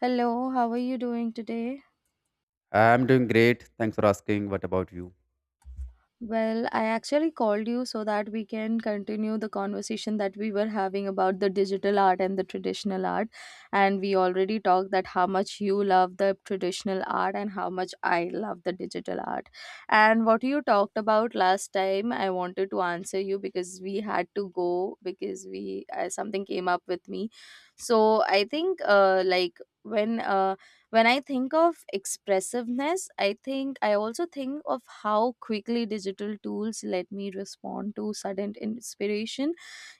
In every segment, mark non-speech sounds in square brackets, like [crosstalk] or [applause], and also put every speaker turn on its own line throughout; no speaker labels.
Hello, how are you doing today?
I'm doing great. Thanks for asking. What about you?
Well, I actually called you so that we can continue the conversation that we were having about the digital art and the traditional art. And we already talked that how much you love the traditional art and how much I love the digital art. And what you talked about last time, I wanted to answer you because we had to go because we something came up with me. So I think like when I think of expressiveness, I think I also think of how quickly digital tools let me respond to sudden inspiration.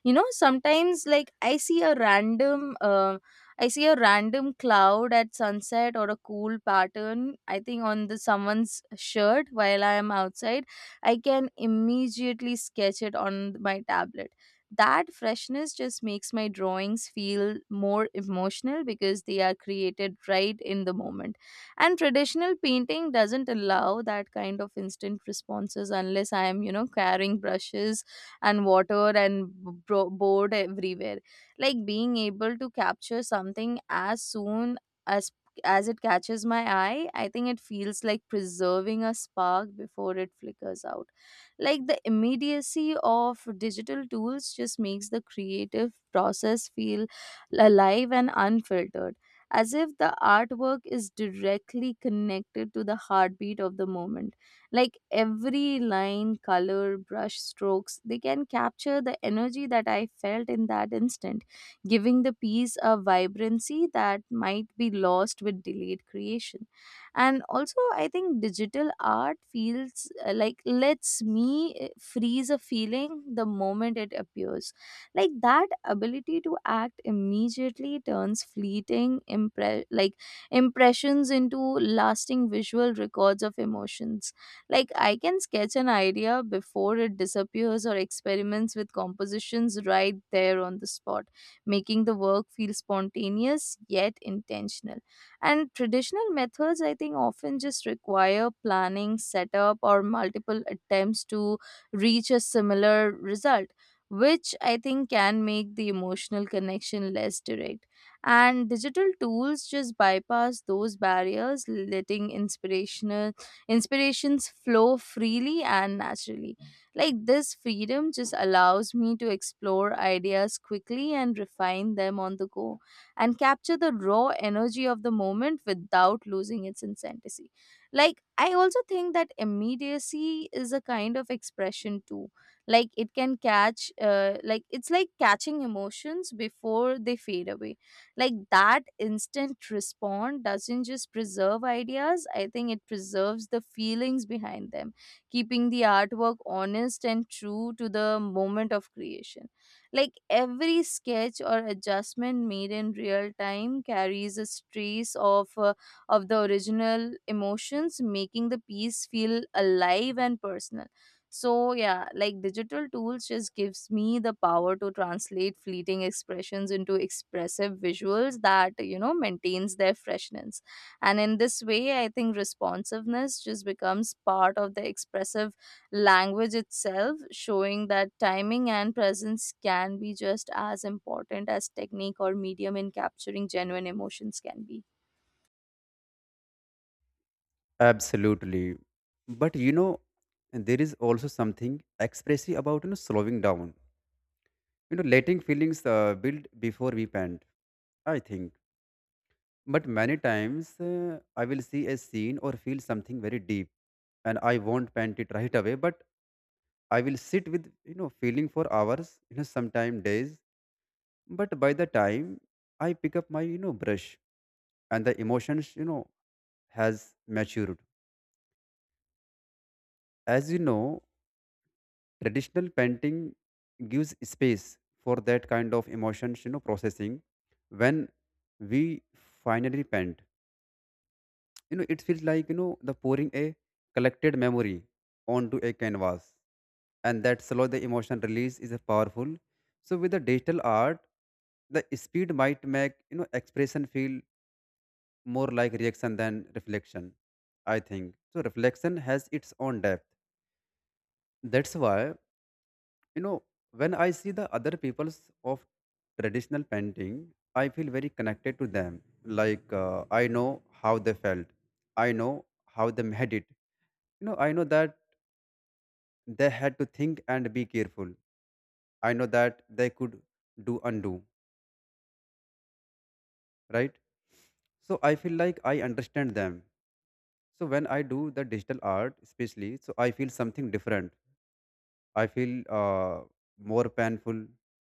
You know, sometimes like I see a random cloud at sunset or a cool pattern, I think on the someone's shirt while I am outside. I can immediately sketch it on my tablet. That freshness just makes my drawings feel more emotional because they are created right in the moment. And traditional painting doesn't allow that kind of instant responses unless I am, you know, carrying brushes and water and board everywhere. Like being able to capture something as soon as as it catches my eye, I think it feels like preserving a spark before it flickers out. Like the immediacy of digital tools just makes the creative process feel alive and unfiltered, as if the artwork is directly connected to the heartbeat of the moment. Like every line, color, brush strokes, they can capture the energy that I felt in that instant, giving the piece a vibrancy that might be lost with delayed creation. And also I think digital art feels like lets me freeze a feeling the moment it appears. Like that ability to act immediately turns fleeting impressions into lasting visual records of emotions. Like I can sketch an idea before it disappears or experiments with compositions right there on the spot, making the work feel spontaneous yet intentional. And traditional methods, I think, often just require planning, setup, or multiple attempts to reach a similar result, which I think can make the emotional connection less direct. And digital tools just bypass those barriers, letting inspirational inspirations flow freely and naturally. Like this freedom just allows me to explore ideas quickly and refine them on the go and capture the raw energy of the moment without losing its intensity. Like, I also think that immediacy is a kind of expression too. Like, it's like catching emotions before they fade away. Like, that instant response doesn't just preserve ideas, I think it preserves the feelings behind them, keeping the artwork honest and true to the moment of creation. Like every sketch or adjustment made in real time carries a trace of the original emotions, making the piece feel alive and personal. So yeah, like digital tools just gives me the power to translate fleeting expressions into expressive visuals that, you know, maintains their freshness. And in this way, I think responsiveness just becomes part of the expressive language itself, showing that timing and presence can be just as important as technique or medium in capturing genuine emotions can be.
Absolutely. But you know, there is also something expressive about slowing down. Letting feelings build before we pant, I think. But many times I will see a scene or feel something very deep, and I won't pant it right away. But I will sit with feeling for hours. You know, sometime days. But by the time I pick up my brush, and the emotions has matured. As you know, traditional painting gives space for that kind of emotions, you know, processing. When we finally paint, you know, it feels like, the pouring a collected memory onto a canvas. And that slow the emotion release is a powerful. So with the digital art, the speed might make, expression feel more like reaction than reflection, I think. So reflection has its own depth. That's why. You know, when I see the other peoples of traditional painting, I feel very connected to them. Like I know how they felt. I know how they had it. You know, I know that they had to think and be careful. I know that they could do undo, right? So I feel like I understand them. So when I do the digital art, especially, so I feel something different. I feel more painful,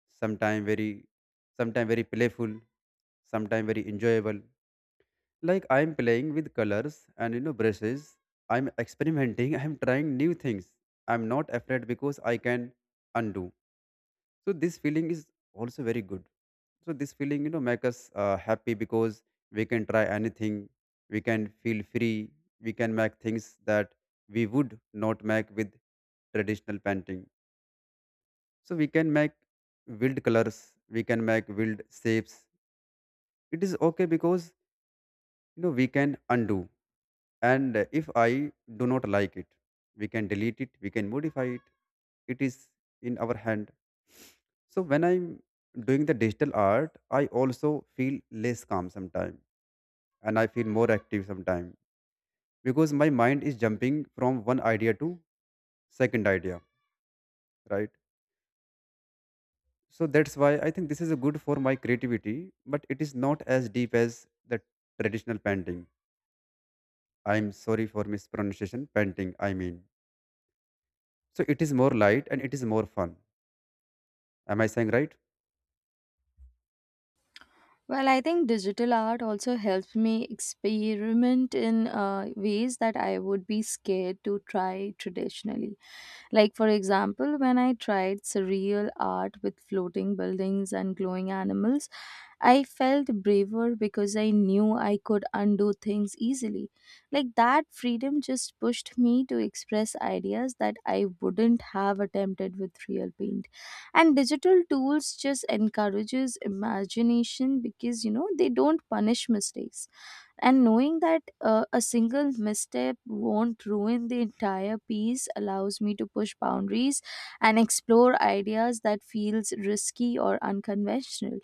sometime very, sometime very playful, sometime very enjoyable. Like I'm playing with colors and brushes. I'm experimenting. [laughs] I'm trying new things. I'm not afraid because I can undo. So this feeling is also very good. So this feeling make us happy because we can try anything. We can feel free. We can make things that we would not make with traditional painting, so we can make wild colors, we can make wild shapes. It is okay because you know we can undo, and if I do not like it, we can delete it, we can modify it, it is in our hand. So when I'm doing the digital art, I also feel less calm sometimes, and I feel more active sometimes, because my mind is jumping from one idea to second idea, right? So that's why I think this is a good for my creativity, but it is not as deep as the traditional painting. I'm sorry for mispronunciation, painting I mean. So it is more light and it is more fun. Am I saying right?
Well, I think digital art also helps me experiment in ways that I would be scared to try traditionally. Like, for example, when I tried surreal art with floating buildings and glowing animals, I felt braver because I knew I could undo things easily. Like that freedom just pushed me to express ideas that I wouldn't have attempted with real paint. And digital tools just encourages imagination because, you know, they don't punish mistakes. And knowing that a single misstep won't ruin the entire piece allows me to push boundaries and explore ideas that feels risky or unconventional.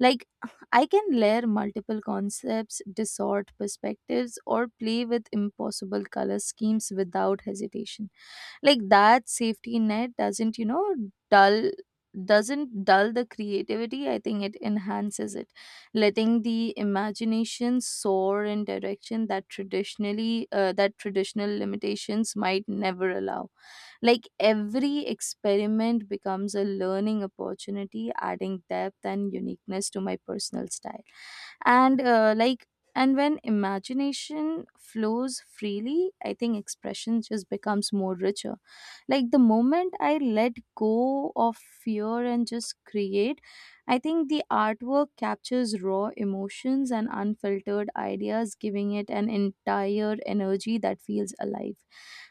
Like I can layer multiple concepts, distort perspectives, or play with impossible color schemes without hesitation. Like that safety net doesn't, you know, dull doesn't dull the creativity. I think it enhances it, letting the imagination soar in direction that traditional limitations might never allow. Like every experiment becomes a learning opportunity, adding depth and uniqueness to my personal style. And uh, like and when imagination flows freely, I think expression just becomes more richer. Like the moment I let go of fear and just create, I think the artwork captures raw emotions and unfiltered ideas, giving it an entire energy that feels alive.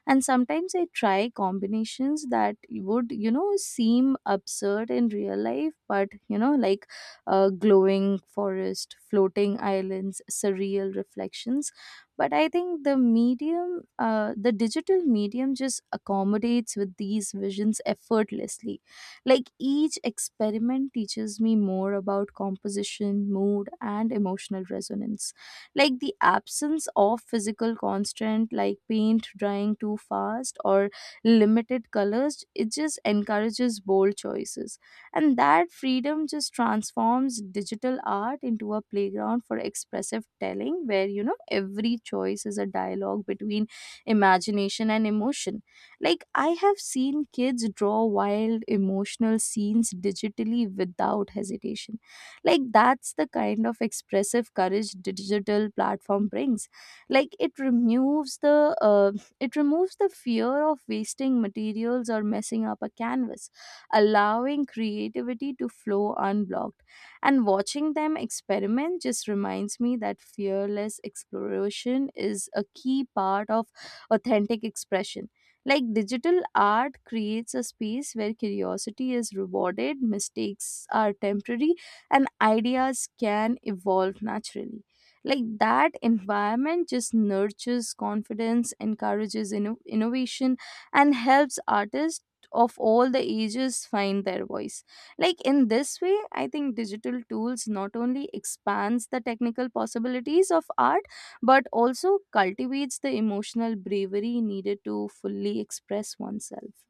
And sometimes I try combinations that would, you know, seem absurd in real life, but you know, like, glowing forest, floating islands, surreal reflections. But I think the digital medium just accommodates with these visions effortlessly. Like each experiment teaches me more about composition, mood, and emotional resonance. Like the absence of physical constant, like paint drying too fast or limited colors, it just encourages bold choices. And that freedom just transforms digital art into a playground for expressive telling, where, you know, every choice is a dialogue between imagination and emotion. Like I have seen kids draw wild emotional scenes digitally without hesitation. Like that's the kind of expressive courage digital platform brings. Like it removes the fear of wasting materials or messing up a canvas, allowing creativity to flow unblocked. And watching them experiment just reminds me that fearless exploration is a key part of authentic expression. Like digital art creates a space where curiosity is rewarded, mistakes are temporary, and ideas can evolve naturally. Like that environment just nurtures confidence, encourages innovation, and helps artists of all the ages find their voice. Like in this way, I think digital tools not only expands the technical possibilities of art but also cultivates the emotional bravery needed to fully express oneself.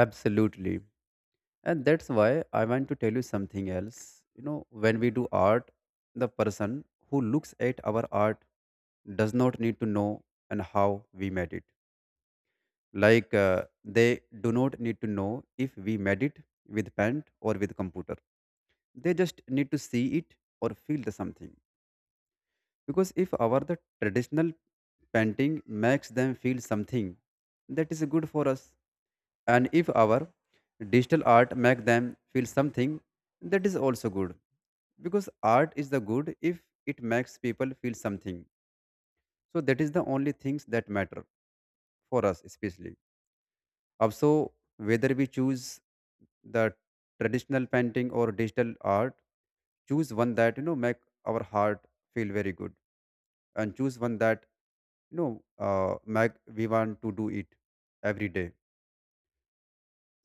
Absolutely. And that's why I want to tell you something else. You know, when we do art, the person who looks at our art does not need to know and how we made it. Like they do not need to know if we made it with paint or with computer. They just need to see it or feel the something. Because if our the traditional painting makes them feel something, that is good for us. And if our digital art make them feel something, that is also good. Because art is the good if it makes people feel something. So that is the only things that matter for us especially. Also, whether we choose the traditional painting or digital art, choose one that you know make our heart feel very good. And choose one that make we want to do it every day.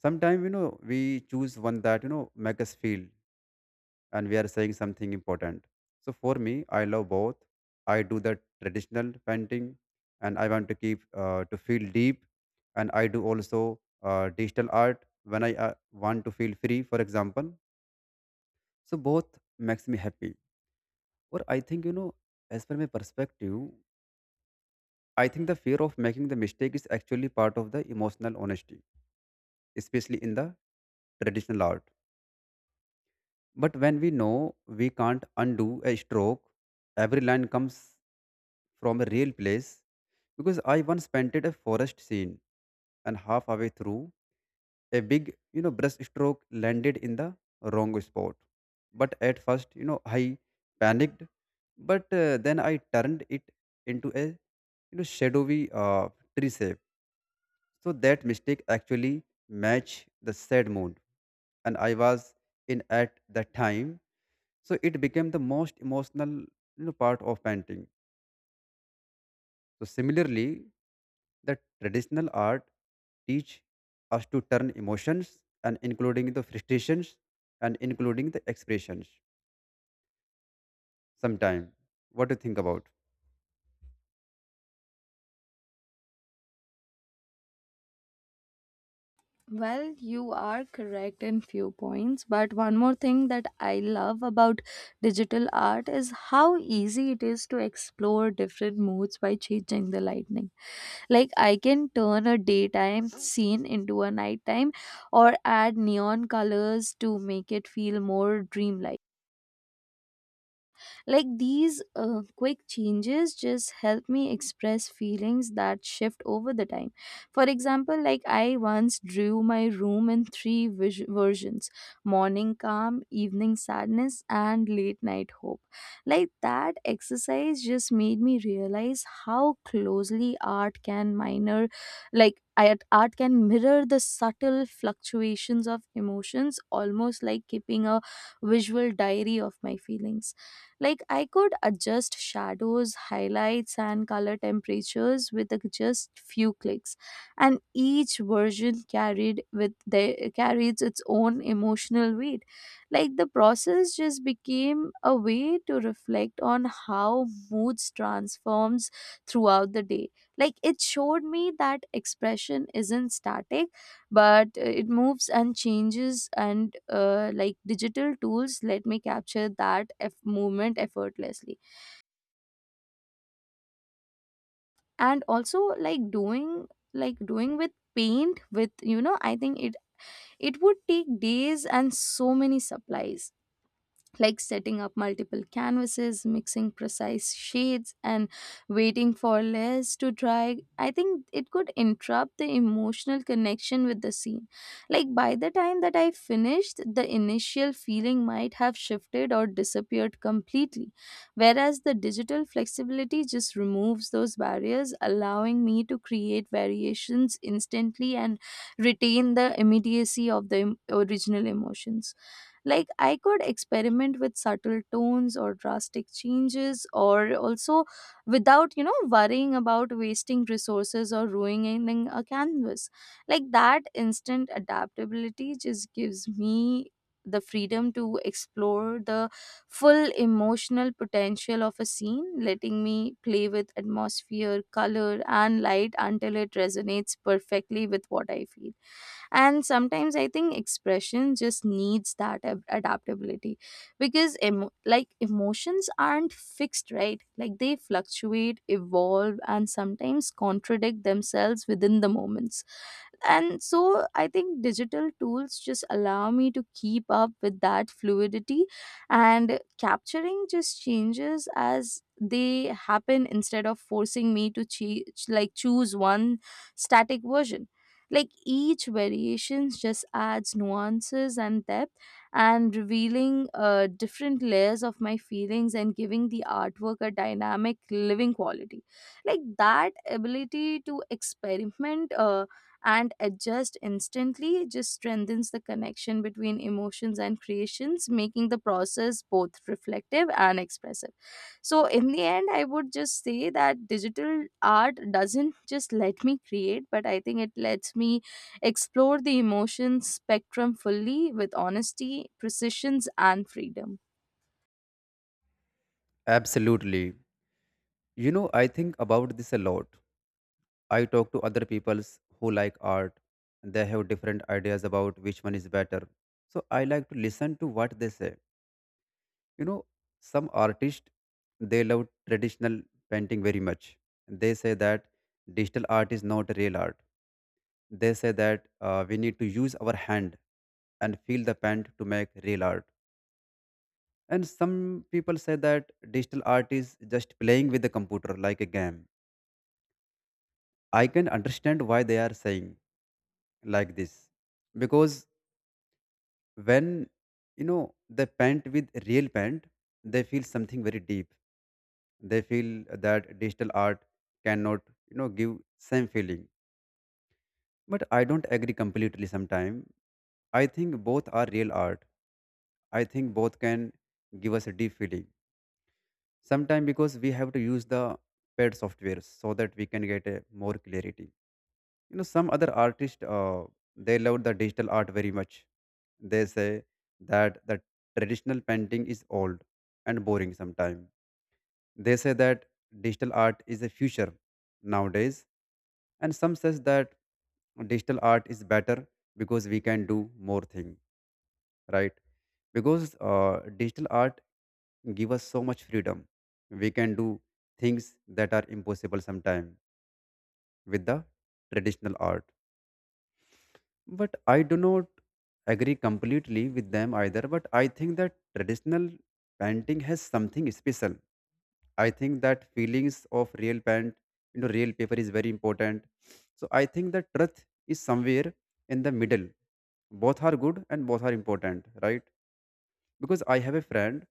Sometimes you know we choose one that you know make us feel and we are saying something important. So for me I love both. I do the traditional painting and I want to keep to feel deep. And I do also digital art when I want to feel free, for example. So both makes me happy. Or I think you know, as per my perspective, I think the fear of making the mistake is actually part of the emotional honesty, especially in the traditional art. But when we know we can't undo a stroke, every line comes from a real place. Because I once painted a forest scene, and halfway through a big, you know, brush stroke landed in the wrong spot. But at first, you know, I panicked, but then I turned it into a shadowy tree shape. So that mistake actually matched the sad mood, and I was in at that time. So it became the most emotional, you know, part of painting. So similarly, the traditional art teach us to turn emotions and including the frustrations and including the expressions sometime. What do you think about?
Well, you are correct in few points, but one more thing that I love about digital art is how easy it is to explore different moods by changing the lighting. Like I can turn a daytime scene into a nighttime or add neon colors to make it feel more dreamlike. Like these quick changes just help me express feelings that shift over the time. For example, like I once drew my room in three versions: morning calm, evening sadness, and late night hope. Like that exercise just made me realize how closely art can mirror the subtle fluctuations of emotions, almost like keeping a visual diary of my feelings. Like I could adjust shadows, highlights, and color temperatures with a just few clicks, and each version carried with the carries its own emotional weight. Like the process just became a way to reflect on how moods transforms throughout the day. Like it showed me that expression isn't static, but it moves and changes. And digital tools let me capture that movement effortlessly. And also, like doing with paint with, you know, I think it would take days and so many supplies. Like setting up multiple canvases, mixing precise shades, and waiting for layers to dry, I think it could interrupt the emotional connection with the scene. Like by the time that I finished, the initial feeling might have shifted or disappeared completely. Whereas the digital flexibility just removes those barriers, allowing me to create variations instantly and retain the immediacy of the original emotions. Like I could experiment with subtle tones or drastic changes, or also, without, you know, worrying about wasting resources or ruining a canvas. Like that instant adaptability just gives me the freedom to explore the full emotional potential of a scene, letting me play with atmosphere, color, and light until it resonates perfectly with what I feel. And sometimes I think expression just needs that adaptability, because emotions aren't fixed, right? Like they fluctuate, evolve, and sometimes contradict themselves within the moments. And so I think digital tools just allow me to keep up with that fluidity, and capturing just changes as they happen instead of forcing me to choose one static version. Like each variation just adds nuances and depth, and revealing different layers of my feelings and giving the artwork a dynamic living quality. Like that ability to experiment and adjust instantly just strengthens the connection between emotions and creations, making the process both reflective and expressive. So, in the end, I would just say that digital art doesn't just let me create, but I think it lets me explore the emotions spectrum fully with honesty, precisions, and freedom.
Absolutely. You know, I think about this a lot. I talk to other peoples who like art, and they have different ideas about which one is better. So I like to listen to what they say. You know, some artists they love traditional painting very much. They say that digital art is not real art. They say that we need to use our hand and feel the paint to make real art. And some people say that digital art is just playing with the computer like a game. I can understand why they are saying like this, because when you know they paint with real paint, they feel something very deep. They feel that digital art cannot, you know, give same feeling. But I don't agree completely. Sometime I think both are real art. I think both can give us a deep feeling. Sometimes because we have to use the paid software so that we can get a more clarity. You know, some other artists they love the digital art very much. They say that the traditional painting is old and boring sometimes. They say that digital art is a future nowadays, and some says that digital art is better because we can do more thing, right? Because digital art give us so much freedom. We can do things that are impossible sometime with the traditional art. But I do not agree completely with them either, but I think that traditional painting has something special. I think that feelings of real paint, you know, real paper is very important. So I think that truth is somewhere in the middle. Both are good and both are important, right? Because I have a friend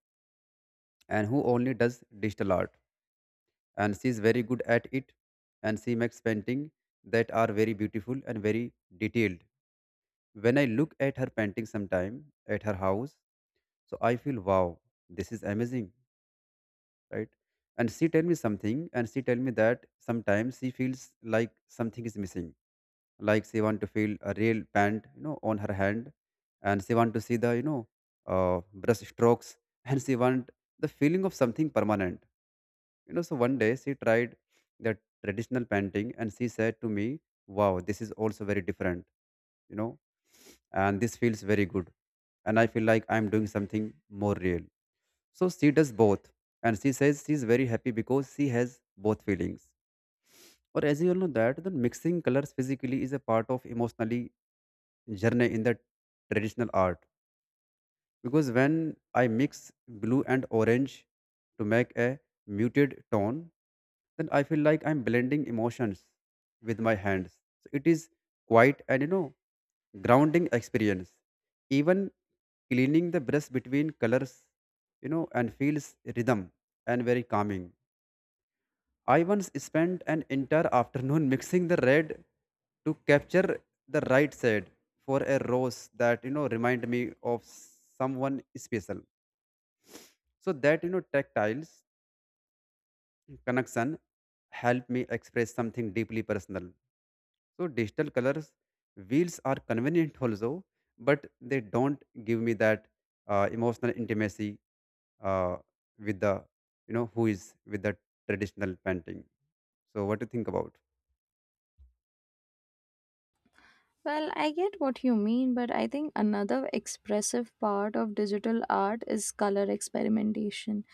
and who only does digital art, and she is very good at it, and she makes painting that are very beautiful and very detailed. When I look at her painting sometime at her house, so I feel wow, this is amazing, right? And she tell me something, and she tell me that sometimes she feels like something is missing. Like she want to feel a real paint, you know, on her hand, and she want to see the, you know, brush strokes [laughs] and she want the feeling of something permanent. You know, so one day she tried that traditional painting and she said to me, wow, this is also very different, you know, and this feels very good. And I feel like I'm doing something more real. So she does both. And she says she's very happy because she has both feelings. Or as you all know that the mixing colors physically is a part of emotionally journey in the traditional art. Because when I mix blue and orange to make a muted tone, then I feel like I'm blending emotions with my hands. So it is quite an, you know, grounding experience. Even cleaning the brush between colors, you know, and feels rhythm and very calming. I once spent an entire afternoon [laughs] mixing the red to capture the right side for a rose that you know remind me of someone special. So that you know tactiles connection help me express something deeply personal. So digital colors wheels are convenient also, but they don't give me that emotional intimacy uh, with the you know who is with the traditional painting. So what do you think about?
Well, I get what you mean, but I think another expressive part of digital art is color experimentation.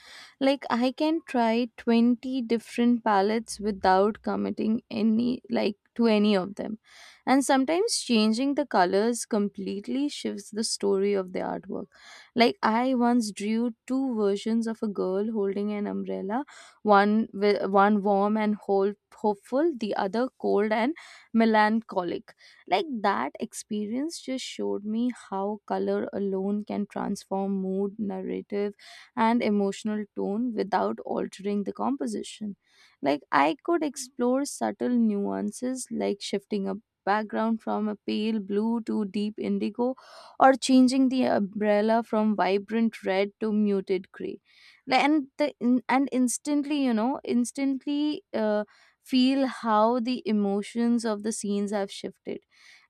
Like, I can try 20 different palettes without committing any, like, to any of them. And sometimes changing the colors completely shifts the story of the artwork. Like, I once drew two versions of a girl holding an umbrella, one, one warm and whole, hopeful, the other cold and melancholic. Like that experience just showed me how color alone can transform mood, narrative, and emotional tone without altering the composition. Like I could explore subtle nuances like shifting a background from a pale blue to deep indigo, or changing the umbrella from vibrant red to muted gray. Like, and instantly, instantly, feel how the emotions of the scenes have shifted.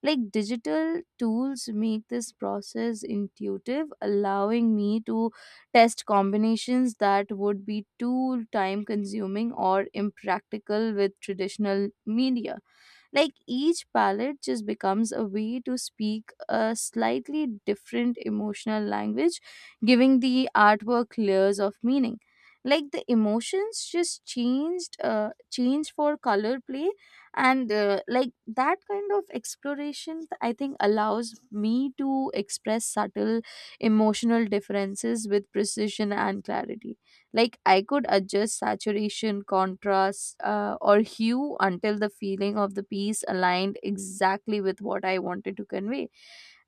Like digital tools make this process intuitive, allowing me to test combinations that would be too time consuming or impractical with traditional media. Like each palette just becomes a way to speak a slightly different emotional language, giving the artwork layers of meaning. Like the emotions just changed, changed for color play, and like that kind of exploration, I think allows me to express subtle emotional differences with precision and clarity. Like I could adjust saturation, contrast, or hue until the feeling of the piece aligned exactly with what I wanted to convey.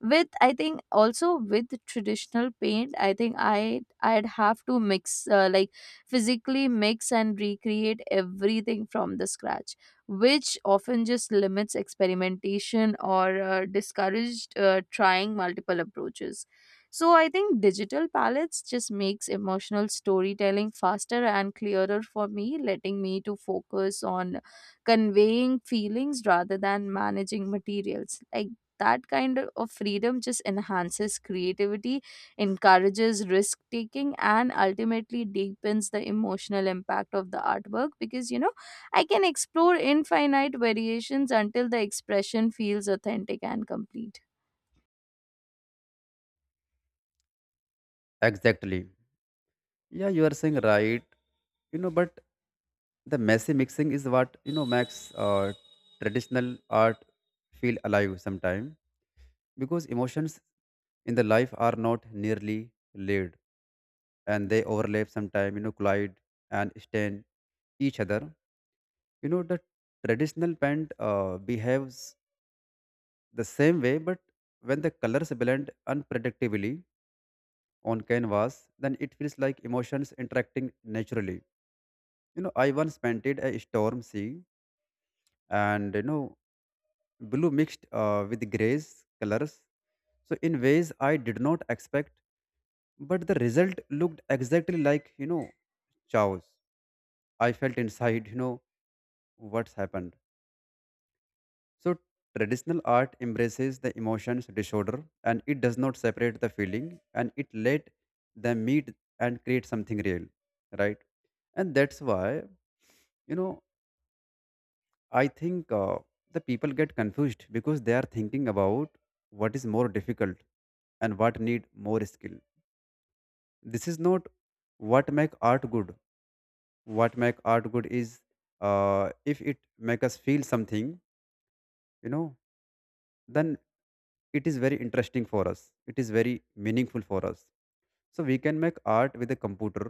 With I think also with traditional paint, I think I'd have to mix like physically mix and recreate everything from the scratch, which often just limits experimentation or discouraged trying multiple approaches. So I think digital palettes just makes emotional storytelling faster and clearer for me, letting me to focus on conveying feelings rather than managing materials. Like that kind of freedom just enhances creativity, encourages risk taking, and ultimately deepens the emotional impact of the artwork, because I can explore infinite variations until the expression feels authentic and complete.
Exactly. Yeah, you are saying right, you know. But the messy mixing is what you know makes uh, traditional art feel alive sometimes. Because emotions in the life are not nearly laid, and they overlap sometime, you know, collide and stain each other. You know, the traditional paint behaves the same way. But when the colors blend unpredictably on canvas, then it feels like emotions interacting naturally. You know, I once painted a storm sea, and you know blue mixed with grays colors, so in ways I did not expect, but the result looked exactly like, you know, chaos I felt inside, you know. What's happened? So traditional art embraces the emotions disorder, and it does not separate the feeling, and it let them meet and create something real, right? And that's why, you know, I think the people get confused because they are thinking about what is more difficult and what need more skill. This is not what make art good. What make art good is if it make us feel something, you know. Then it is very interesting for us, it is very meaningful for us. So we can make art with a computer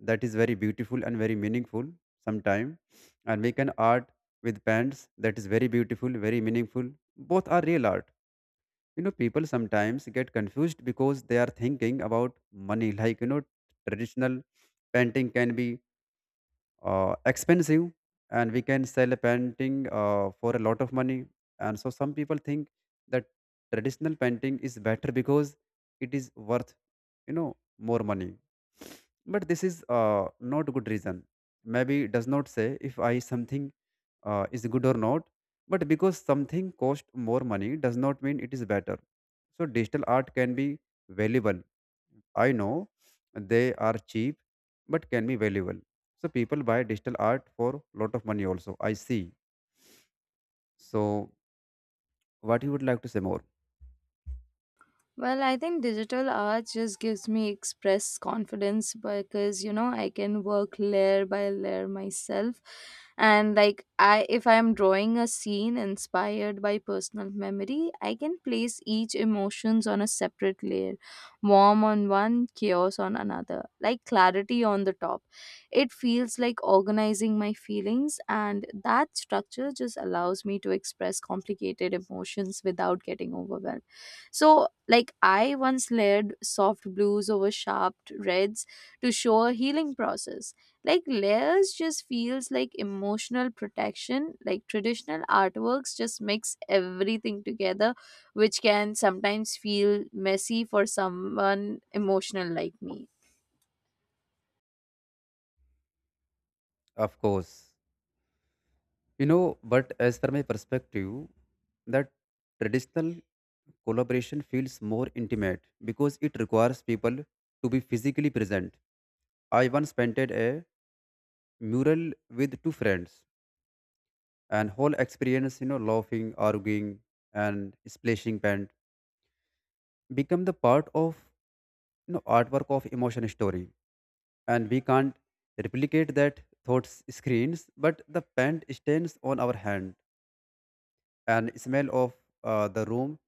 that is very beautiful and very meaningful sometime. And we can art with pens that is very beautiful very meaningful. Both are real art. You know, people sometimes get confused because they are thinking about money [laughs] like you know traditional painting can be expensive, and we can sell a painting for a lot of money. And so some people think that traditional painting is better because it is worth, you know, more money. But this is not good reason. Maybe it does not say if I something is good or not. But because something costs more money does not mean it is better. So digital art can be valuable. I know they are cheap, but can be valuable. So people buy digital art for lot of money also, I see. So what you would like to say more?
Well, I think digital art just gives me express confidence, because I can work layer by layer myself, and like I, if I am drawing a scene inspired by personal memory, I can place each emotions on a separate layer, warm on one, chaos on another, like clarity on the top. It feels like organizing my feelings, and that structure just allows me to express complicated emotions without getting overwhelmed. So, like, I once layered soft blues over sharp reds to show a healing process. Like, layers just feels like emotional protection. Like, traditional artworks just mix everything together, which can sometimes feel messy for someone emotional like me.
Of course. You know, but as per my perspective, that traditional collaboration feels more intimate because it requires people to be physically present. I once painted a mural with two friends, and whole experience, you know, laughing, arguing and splashing paint become the part of, you know, artwork of emotion story. And we can't replicate that thoughts screens, but the paint stains on our hand and smell of the room,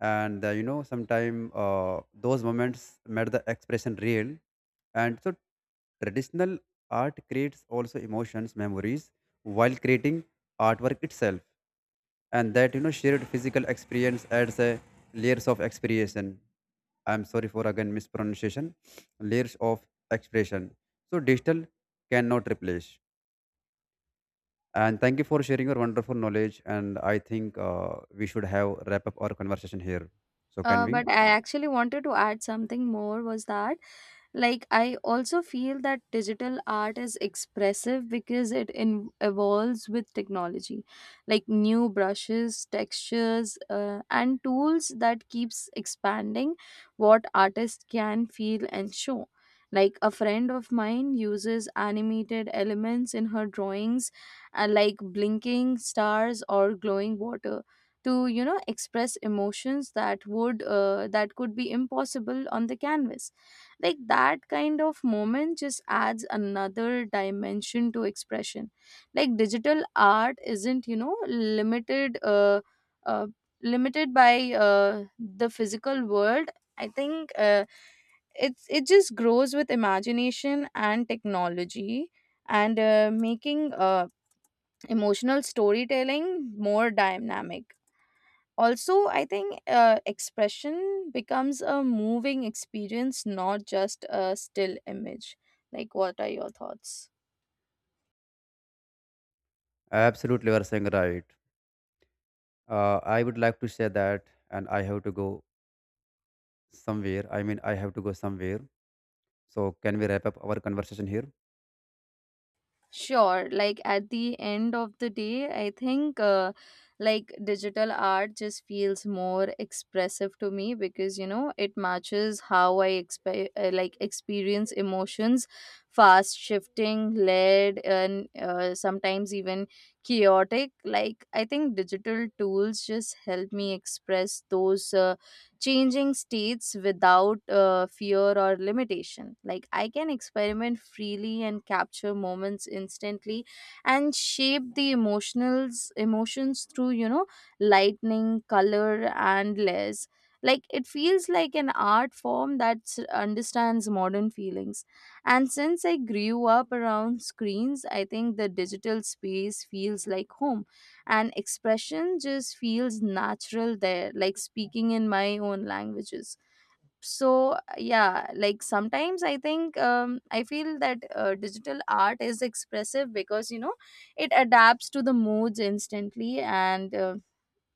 and you know sometime those moments made the expression real. And so traditional art creates also emotions memories while creating artwork itself. And that, you know, shared physical experience adds a layers of expression. I'm sorry for again mispronunciation. [sniffs] Layers of expression. So digital cannot replace. And thank you for sharing your wonderful knowledge. And I think we should have wrap up our conversation here. So can
Uh,
we?
but I actually wanted to add something more was that like I also feel that digital art is expressive because evolves with technology. Like new brushes textures and tools that keeps expanding what artists can feel and show. Like a friend of mine uses animated elements in her drawings, like blinking stars or glowing water, to express emotions that would that could be impossible on the canvas. Like that kind of moment just adds another dimension to expression. Like digital art isn't, uh limited by the physical world. I think it just grows with imagination and technology, and making emotional storytelling more dynamic. Also, I think expression becomes a moving experience, not just a still image. Like, what are your thoughts?
Absolutely, you are saying right. I would like to say that, and I have to go somewhere. I mean, I have to go somewhere. So can we wrap up our conversation here?
Sure. Like at the end of the day, I think like digital art just feels more expressive to me because it matches how I experience emotions, fast shifting, layered, and sometimes even chaotic. Like I think digital tools just help me express those. Changing states without fear or limitation. Like I can experiment freely and capture moments instantly and shape the emotionals emotions through, you know, lightning, color and layers. Like it feels like an art form that understands modern feelings. And since I grew up around screens, I think the digital space feels like home, and expression just feels natural there, like speaking in my own languages. So yeah, like sometimes I think, I feel that digital art is expressive because it adapts to the moods instantly, and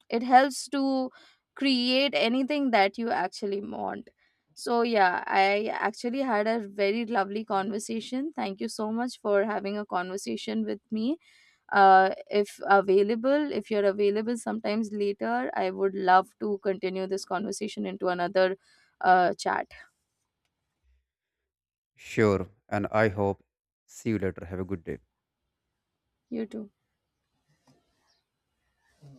it helps to create anything that you actually want. So yeah, I actually had a very lovely conversation. Thank you so much for having a conversation with me. If you're available sometimes later, I would love to continue this conversation into another chat.
Sure. And I hope see you later. Have a good day.
You too.